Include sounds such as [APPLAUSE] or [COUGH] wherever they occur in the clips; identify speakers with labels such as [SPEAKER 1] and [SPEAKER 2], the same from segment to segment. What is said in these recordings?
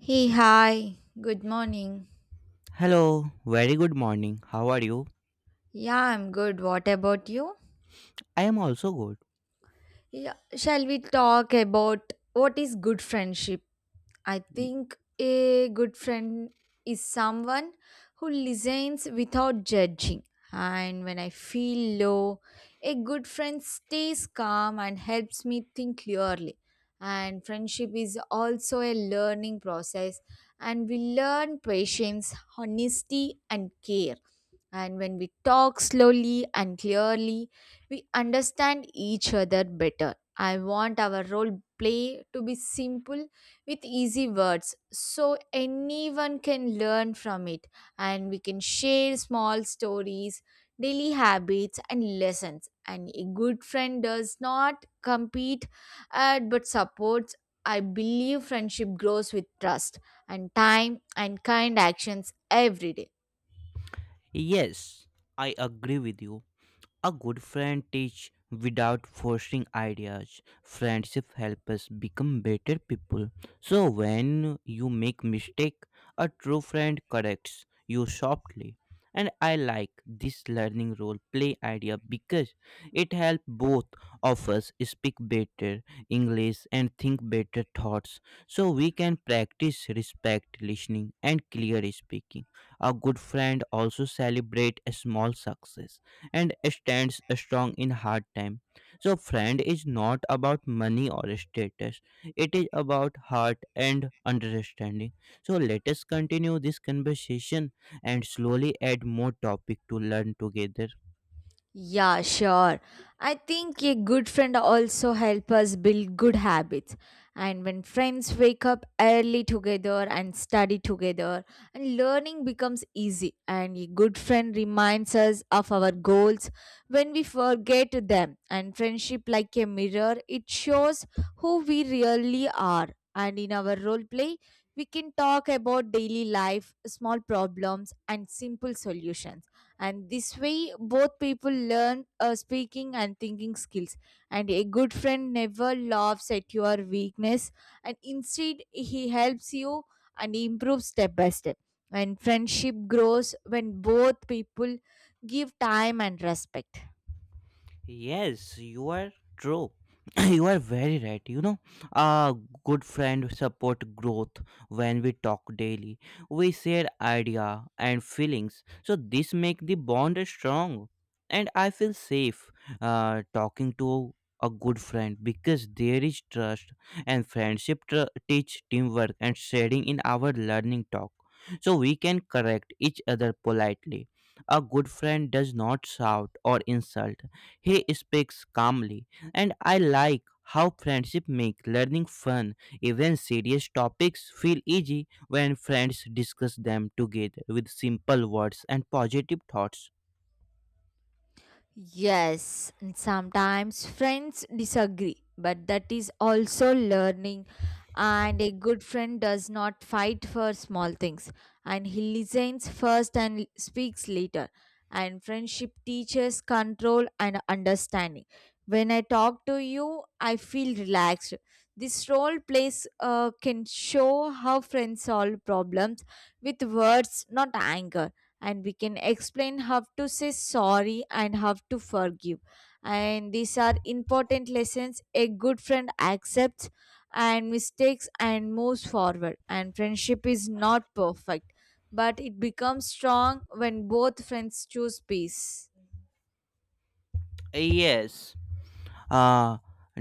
[SPEAKER 1] Hey, hi. Good morning.
[SPEAKER 2] Hello, very good morning. How are you?
[SPEAKER 1] Yeah, I'm good. What about you?
[SPEAKER 2] I am also good.
[SPEAKER 1] Yeah, shall we talk about what is good friendship? I
[SPEAKER 2] Y-
[SPEAKER 1] think a good friend is someone who listens without judging. And when I feel low, a good friend stays calm and helps me think clearly. And friendship is also a learning process, and we learn patience, honesty, and care. And when we talk slowly and clearly, we understand each other better. I want our role play to be simple with easy words so anyone can learn from it, and we can share small stories, daily habits, and lessons. And a good friend does not compete, but supports. I believe friendship grows with trust and time and kind actions every day.
[SPEAKER 2] yes, I agree with you. A good friend teach without forcing ideas. Friendship help us become better people. So when you make mistake, a true friend corrects you softly. And I like this learning role play idea because it help both of us speak better English and think better thoughts. So we can practice respect listening and clear speaking. A good friend also celebrate a small success and stands strong in hard time. So friend is not about money or status. It is about heart and understanding. So let us continue this conversation and slowly add more topic to learn together.
[SPEAKER 1] Yeah, sure. I think a good friend also help us build good habits. And when friends wake up early together and study together, and learning becomes easy. And a good friend reminds us of our goals when we forget them. And friendship like a mirror, it shows who we really are. And in our role play, we can talk about daily life, small problems, and simple solutions, and this way both people learn speaking and thinking skills. And a good friend never laughs at your weakness, and instead he helps you and improves step by step. And friendship grows when both people give time and respect.
[SPEAKER 2] Yes, you are true. [LAUGHS] [CLEARS THROAT] You are very right. You know, a good friend support growth when we talk daily. We share idea and feelings, so this make the bond strong. And I feel safe talking to a good friend because there is trust and friendship teach teamwork and sharing in our learning talk. So we can correct each other politely. A good friend does not shout or insult, he speaks calmly, and I like how friendship make learning fun. Even serious topics feel easy when friends discuss them together with simple words and positive thoughts.
[SPEAKER 1] Yes, and sometimes friends disagree, but that is also learning. And a good friend does not fight for small things, and he listens first and speaks later. And friendship teaches control and understanding. When I talk to you, I feel relaxed. This role plays can show how friends solve problems with words, not anger. And we can explain how to say sorry and how to forgive, and these are important lessons. A good friend accepts and mistakes and moves forward, and friendship is not perfect but it becomes strong when both friends choose peace.
[SPEAKER 2] Yes, Uh,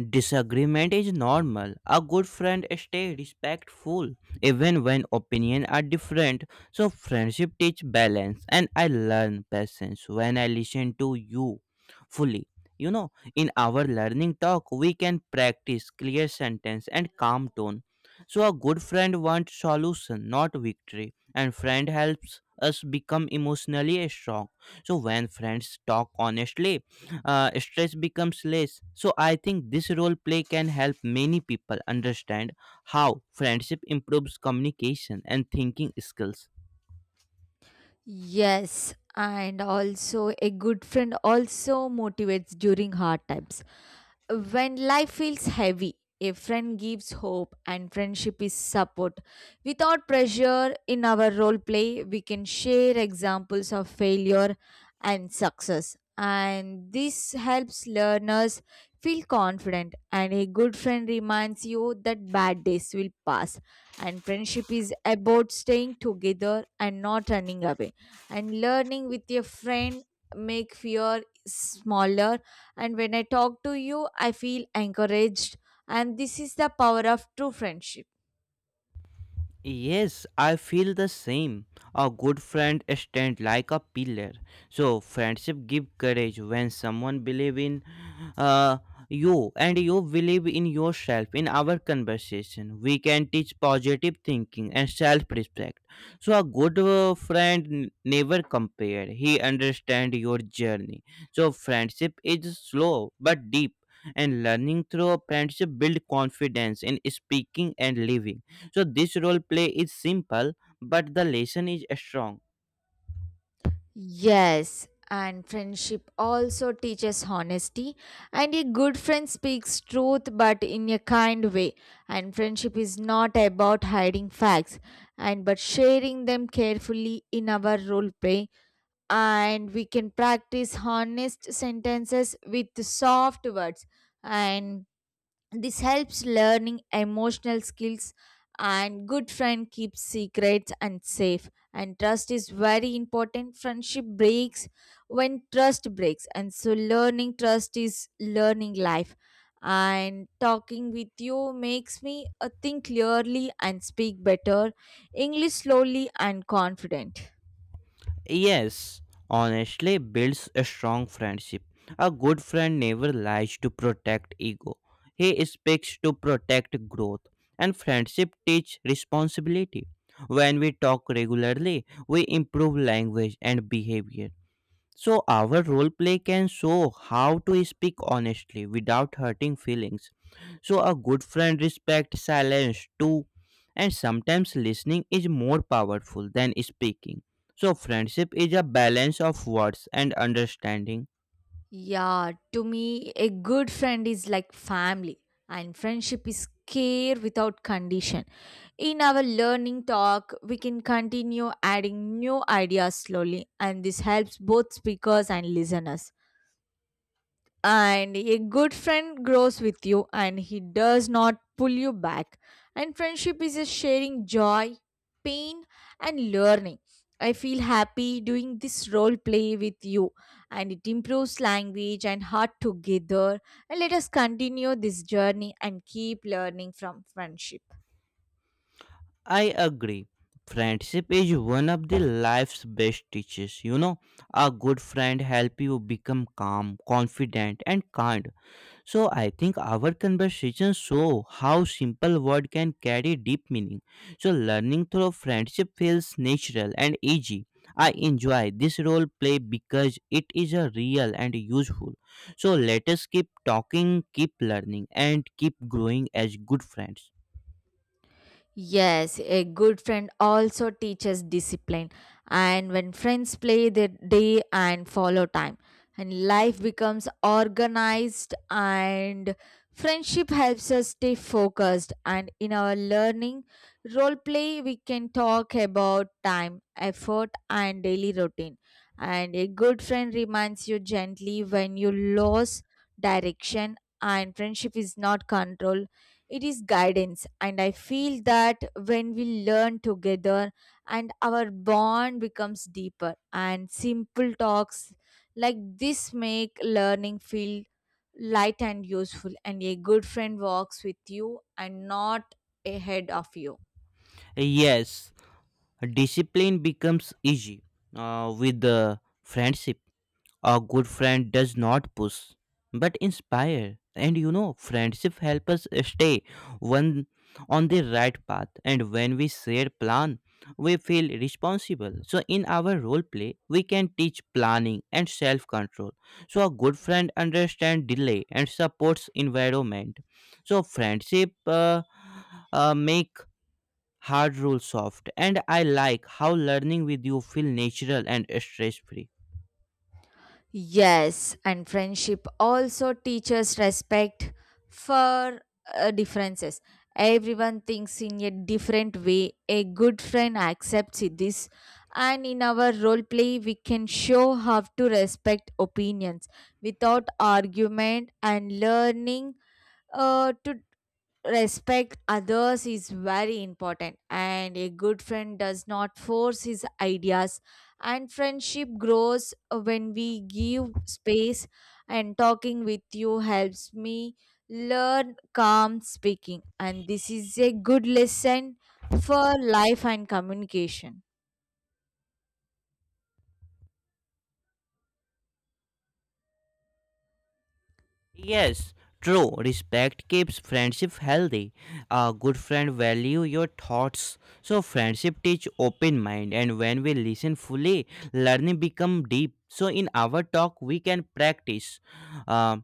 [SPEAKER 2] disagreement is normal. A good friend stay respectful even when opinions are different. So friendship teach balance and I learn patience when I listen to you fully. You know, in our learning talk, we can practice clear sentence and calm tone. So a good friend wants solution, not victory. And friend helps us become emotionally strong. So when friends talk honestly, stress becomes less. So I think this role play can help many people understand how friendship improves communication and thinking skills.
[SPEAKER 1] Yes, and also a good friend also motivates during hard times. When life feels heavy, a friend gives hope, and friendship is support without pressure. In our role play, we can share examples of failure and success, and this helps learners feel confident. And a good friend reminds you that bad days will pass, and friendship is about staying together and not running away. And learning with your friend make fear smaller, and when I talk to you, I feel encouraged. And this is the power of true friendship.
[SPEAKER 2] Yes, I feel the same. A good friend stand like a pillar. So friendship give courage when someone believe in uh, you and you believe in yourself. In our conversation, we can teach positive thinking and self-respect. So a good friend never compare. He understand your journey. So friendship is slow but deep. And learning through friendship build confidence in speaking and living. So this role play is simple, but the lesson is strong.
[SPEAKER 1] Yes, and friendship also teaches honesty. And a good friend speaks truth but in a kind way. And friendship is not about hiding facts and but sharing them carefully in our role play. And we can practice honest sentences with soft words, and this helps learning emotional skills. And good friend keeps secrets and safe, and trust is very important. Friendship breaks when trust breaks, and so learning trust is learning life. And talking with you makes me think clearly and speak better English slowly and confident.
[SPEAKER 2] Yes, honestly builds a strong friendship. A good friend never lies to protect ego. He speaks to protect growth. And friendship teach responsibility. When we talk regularly, we improve language and behavior. So, our role play can show how to speak honestly without hurting feelings. So, a good friend respects silence too, and sometimes listening is more powerful than speaking. So, friendship is a balance of words and understanding.
[SPEAKER 1] Yeah, to me, a good friend is like family, and friendship is care without condition. In our learning talk, we can continue adding new ideas slowly, and this helps both speakers and listeners. And a good friend grows with you, and he does not pull you back. And friendship is a sharing joy, pain, and learning. I feel happy doing this role play with you, and it improves language and heart together. And let us continue this journey and keep learning from friendship.
[SPEAKER 2] I agree. Friendship is one of the life's best teachers. You know, a good friend help you become calm, confident, and kind. So I think our conversation show how simple word can carry deep meaning. So learning through friendship feels natural and easy. I enjoy this role play because it is a real and useful. So let us keep talking, keep learning and keep growing as good friends.
[SPEAKER 1] Yes, a good friend also teaches discipline. And when friends play their day and follow time, and life becomes organized, and friendship helps us stay focused. And in our learning role play, we can talk about time, effort, and daily routine. And a good friend reminds you gently when you lose direction, and friendship is not control, it is guidance. And I feel that when we learn together, and our bond becomes deeper, and simple talks like this make learning feel light and useful. And a good friend walks with you and not ahead of you.
[SPEAKER 2] Yes, discipline becomes easy with the friendship. A good friend does not push, but inspire. And you know, friendship helps us stay one on the right path. And when we share plan, we feel responsible. So in our role play, we can teach planning and self control. So a good friend understands delay and supports environment. So friendship make hard rules soft. And I like how learning with you feel natural and stress free.
[SPEAKER 1] Yes, and friendship also teaches respect for, differences. Everyone thinks in a different way. A good friend accepts this, and in our role play, we can show how to respect opinions without argument. And learning, to respect others is very important, and a good friend does not force his ideas. And friendship grows when we give space, and talking with you helps me learn calm speaking, and this is a good lesson for life and communication.
[SPEAKER 2] Yes, true. Respect keeps friendship healthy. A good friend value your thoughts. So friendship teach open mind and when we listen fully, learning become deep. So in our talk we can practice uh,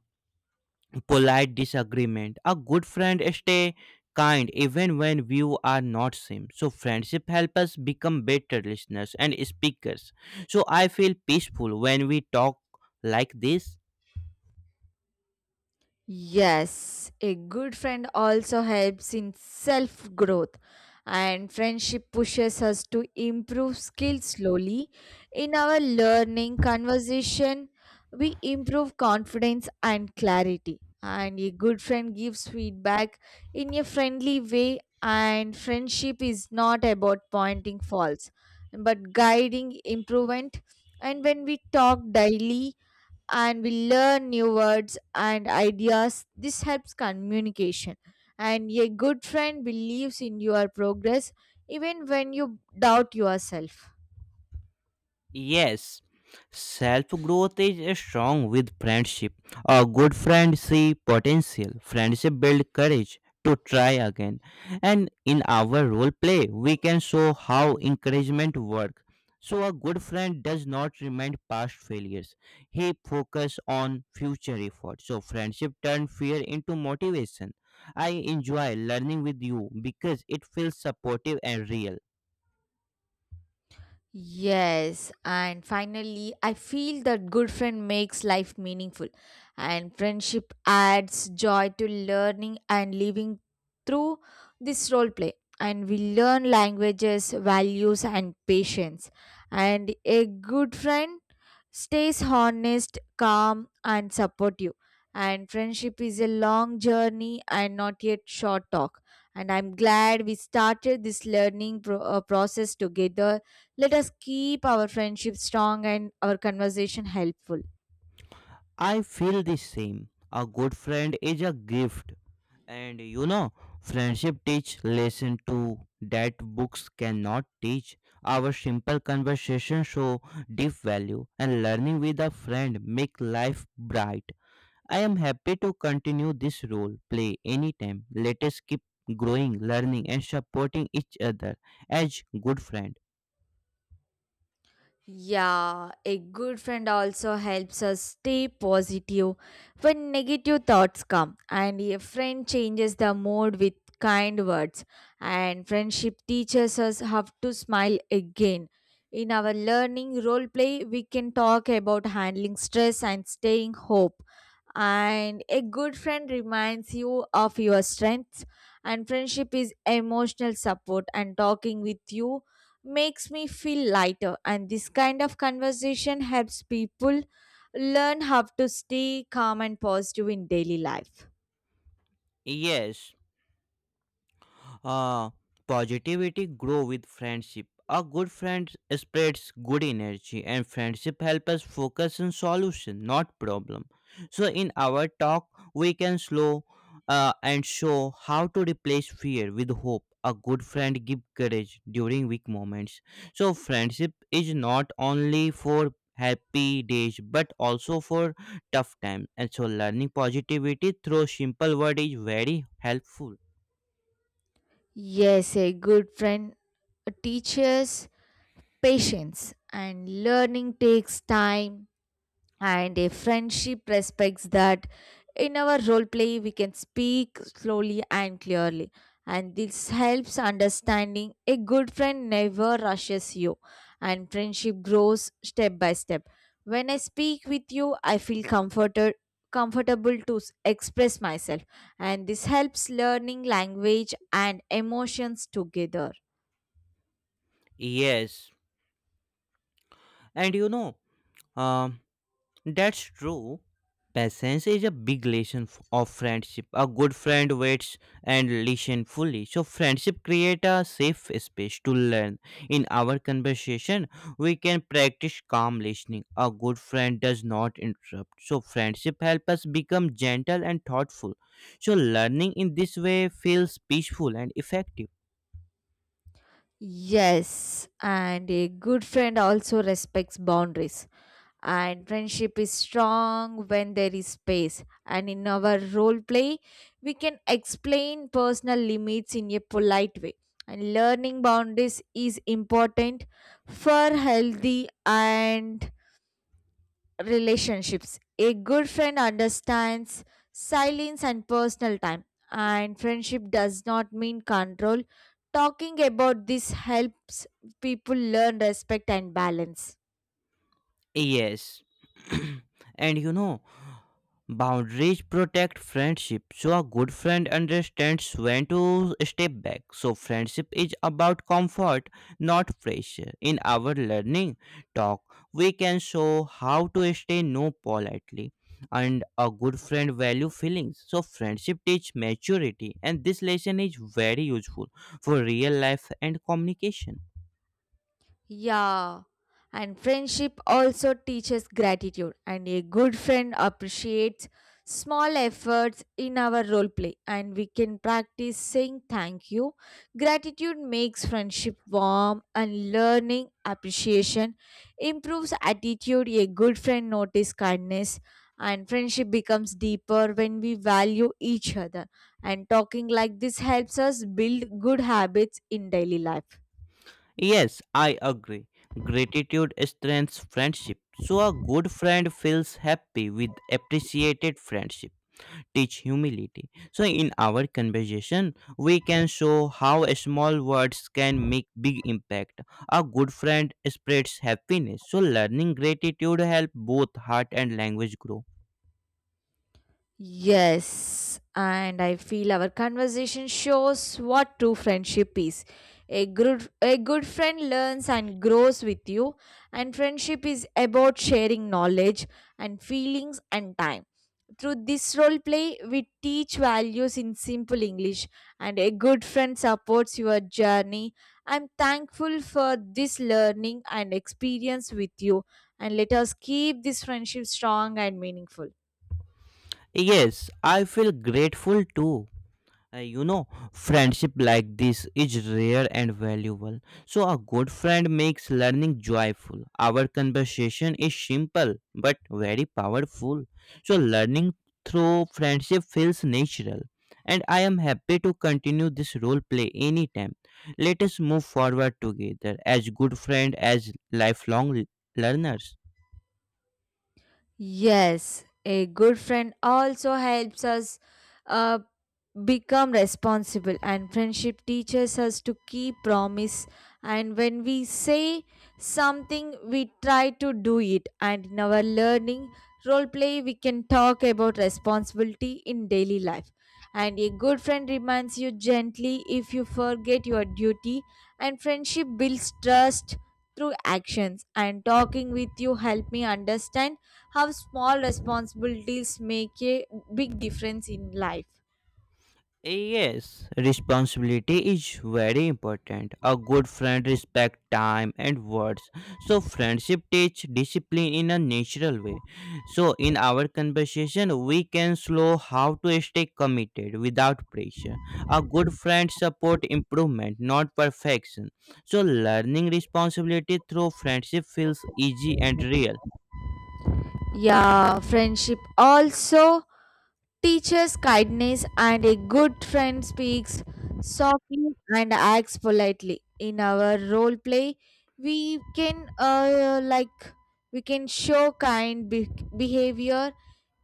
[SPEAKER 2] polite disagreement. A good friend stay kind even when view are not same. So friendship help us become better listeners and speakers. So I feel peaceful when we talk like this.
[SPEAKER 1] Yes, a good friend also helps in self growth, and friendship pushes us to improve skills slowly. In our learning conversation, we improve confidence and clarity. And a good friend gives feedback in a friendly way, and friendship is not about pointing faults but guiding improvement. And when we talk daily, and we learn new words and ideas. This helps communication. And a good friend believes in your progress even when you doubt yourself.
[SPEAKER 2] Yes, self growth is strong with friendship. A good friend see potential. Friendship build courage to try again. And in our role play, we can show how encouragement work. So a good friend does not remind past failures. He focus on future effort. So friendship turn fear into motivation. I enjoy learning with you because it feels supportive and real.
[SPEAKER 1] Yes, and finally, I feel that good friend makes life meaningful, and friendship adds joy to learning and living through this role play. And we learn languages, values, and patience. And a good friend stays honest, calm, and supportive. And friendship is a long journey and not yet short talk. And I'm glad we started this learning process together. Let us keep our friendship strong and our conversation helpful.
[SPEAKER 2] I feel the same. A good friend is a gift, and you know, friendship teach lesson too that books cannot teach. Our simple conversation show deep value, and learning with a friend make life bright. I am happy to continue this role play anytime. Let us keep growing, learning, and supporting each other as good friends.
[SPEAKER 1] Yeah, a good friend also helps us stay positive when negative thoughts come, and a friend changes the mood with kind words. And friendship teaches us how to smile again. In our learning role play, we can talk about handling stress and staying hope. And a good friend reminds you of your strengths, and friendship is emotional support. And talking with you makes me feel lighter, and this kind of conversation helps people learn how to stay calm and positive in daily life.
[SPEAKER 2] Yes, Uh, positivity grow with friendship. A good friend spreads good energy and friendship help us focus on solution, not problem. So in our talk, we can slow and show how to replace fear with hope. A good friend give courage during weak moments. So friendship is not only for happy days but also for tough times. And so learning positivity through simple word is very helpful.
[SPEAKER 1] Yes, a good friend teaches patience, and learning takes time. And a friendship respects that. In our role play, we can speak slowly and clearly, and this helps understanding. A good friend never rushes you, and friendship grows step by step. When I speak with you, I feel comforted, comfortable to express myself, and this helps learning language and emotions together.
[SPEAKER 2] Yes. And you know, um, that's true. Patience is a big lesson of friendship. A good friend waits and listen fully. So friendship create a safe space to learn. In our conversation, we can practice calm listening. A good friend does not interrupt. So friendship help us become gentle and thoughtful. So learning in this way feels peaceful and effective.
[SPEAKER 1] Yes, and a good friend also respects boundaries, and friendship is strong when there is space. And in our role play, we can explain personal limits in a polite way, and learning boundaries is important for healthy and relationships. A good friend understands silence and personal time, and friendship does not mean control. Talking about this helps people learn respect and balance.
[SPEAKER 2] Yes. [CLEARS THROAT] And you know, boundaries protect friendship. So a good friend understands when to step back. So friendship is about comfort, not pressure. In our learning talk, we can show how to stay no politely. And a good friend value feelings. So friendship teach maturity and this lesson is very useful for real life and communication.
[SPEAKER 1] Yeah, and friendship also teaches gratitude, and a good friend appreciates small efforts in our role play, and we can practice saying thank you. Gratitude makes friendship warm, and learning appreciation improves attitude. A good friend notices kindness, and friendship becomes deeper when we value each other. And talking like this helps us build good habits in daily life.
[SPEAKER 2] Yes, I agree. Gratitude strengthens friendship. So a good friend feels happy with appreciated friendship. Teach humility. So in our conversation, we can show how small words can make big impact. A good friend spreads happiness. So learning gratitude help both heart and language grow.
[SPEAKER 1] Yes, and I feel our conversation shows what true friendship is. A good friend learns and grows with you, and friendship is about sharing knowledge and feelings and time. Through this role play, we teach values in simple English, and a good friend supports your journey. I'm thankful for this learning and experience with you, and let us keep this friendship strong and meaningful.
[SPEAKER 2] Yes, I feel grateful too. You know, friendship like this is rare and valuable. So, a good friend makes learning joyful. Our conversation is simple but very powerful. So, learning through friendship feels natural. And I am happy to continue this role play anytime. Let us move forward together as good friends, as lifelong learners.
[SPEAKER 1] Yes, a good friend also helps us uh, become responsible, and friendship teaches us to keep promise. And when we say something, we try to do it. And in our learning role play, we can talk about responsibility in daily life, and a good friend reminds you gently if you forget your duty. And friendship builds trust through actions, and talking with you helped me understand how small responsibilities make a big difference in life.
[SPEAKER 2] Yes, responsibility is very important. A good friend respects time and words. So friendship teach discipline in a natural way. So in our conversation, we can slow how to stay committed without pressure. A good friend support improvement, not perfection. So learning responsibility through friendship feels easy and real.
[SPEAKER 1] Yeah, friendship also teaches kindness, and a good friend speaks softly and acts politely. In our role play, we can we can show behavior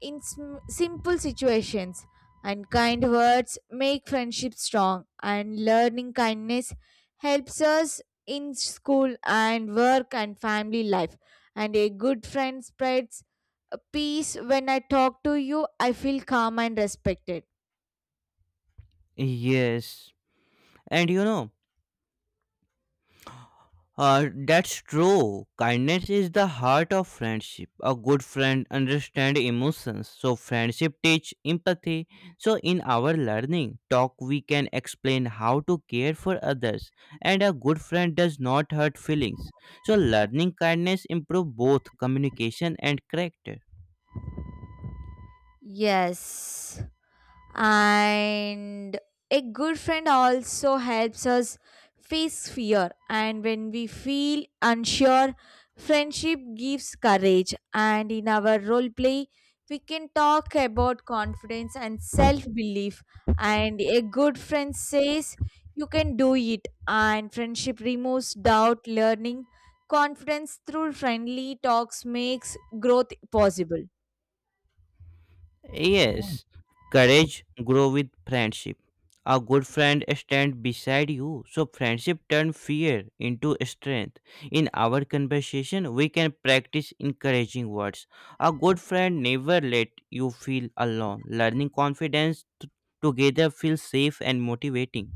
[SPEAKER 1] in simple situations. And kind words make friendship strong, and learning kindness helps us in school and work and family life. And a good friend spreads, peace. When I talk to you, I feel calm and respected.
[SPEAKER 2] Yes. And you know, that's true. Kindness is the heart of friendship. A good friend understands emotions. So friendship teach empathy. So in our learning talk, we can explain how to care for others. And a good friend does not hurt feelings. So learning kindness improve both communication and character.
[SPEAKER 1] Yes, and a good friend also helps us face fear. And when we feel unsure, friendship gives courage. And in our role play, we can talk about confidence and self belief, and a good friend says you can do it. And friendship removes doubt. Learning confidence through friendly talks makes growth possible.
[SPEAKER 2] Yes, courage grow with friendship. A good friend stand beside you, so friendship turn fear into strength. In our conversation, we can practice encouraging words. A good friend never let you feel alone. Learning confidence together feels safe and motivating.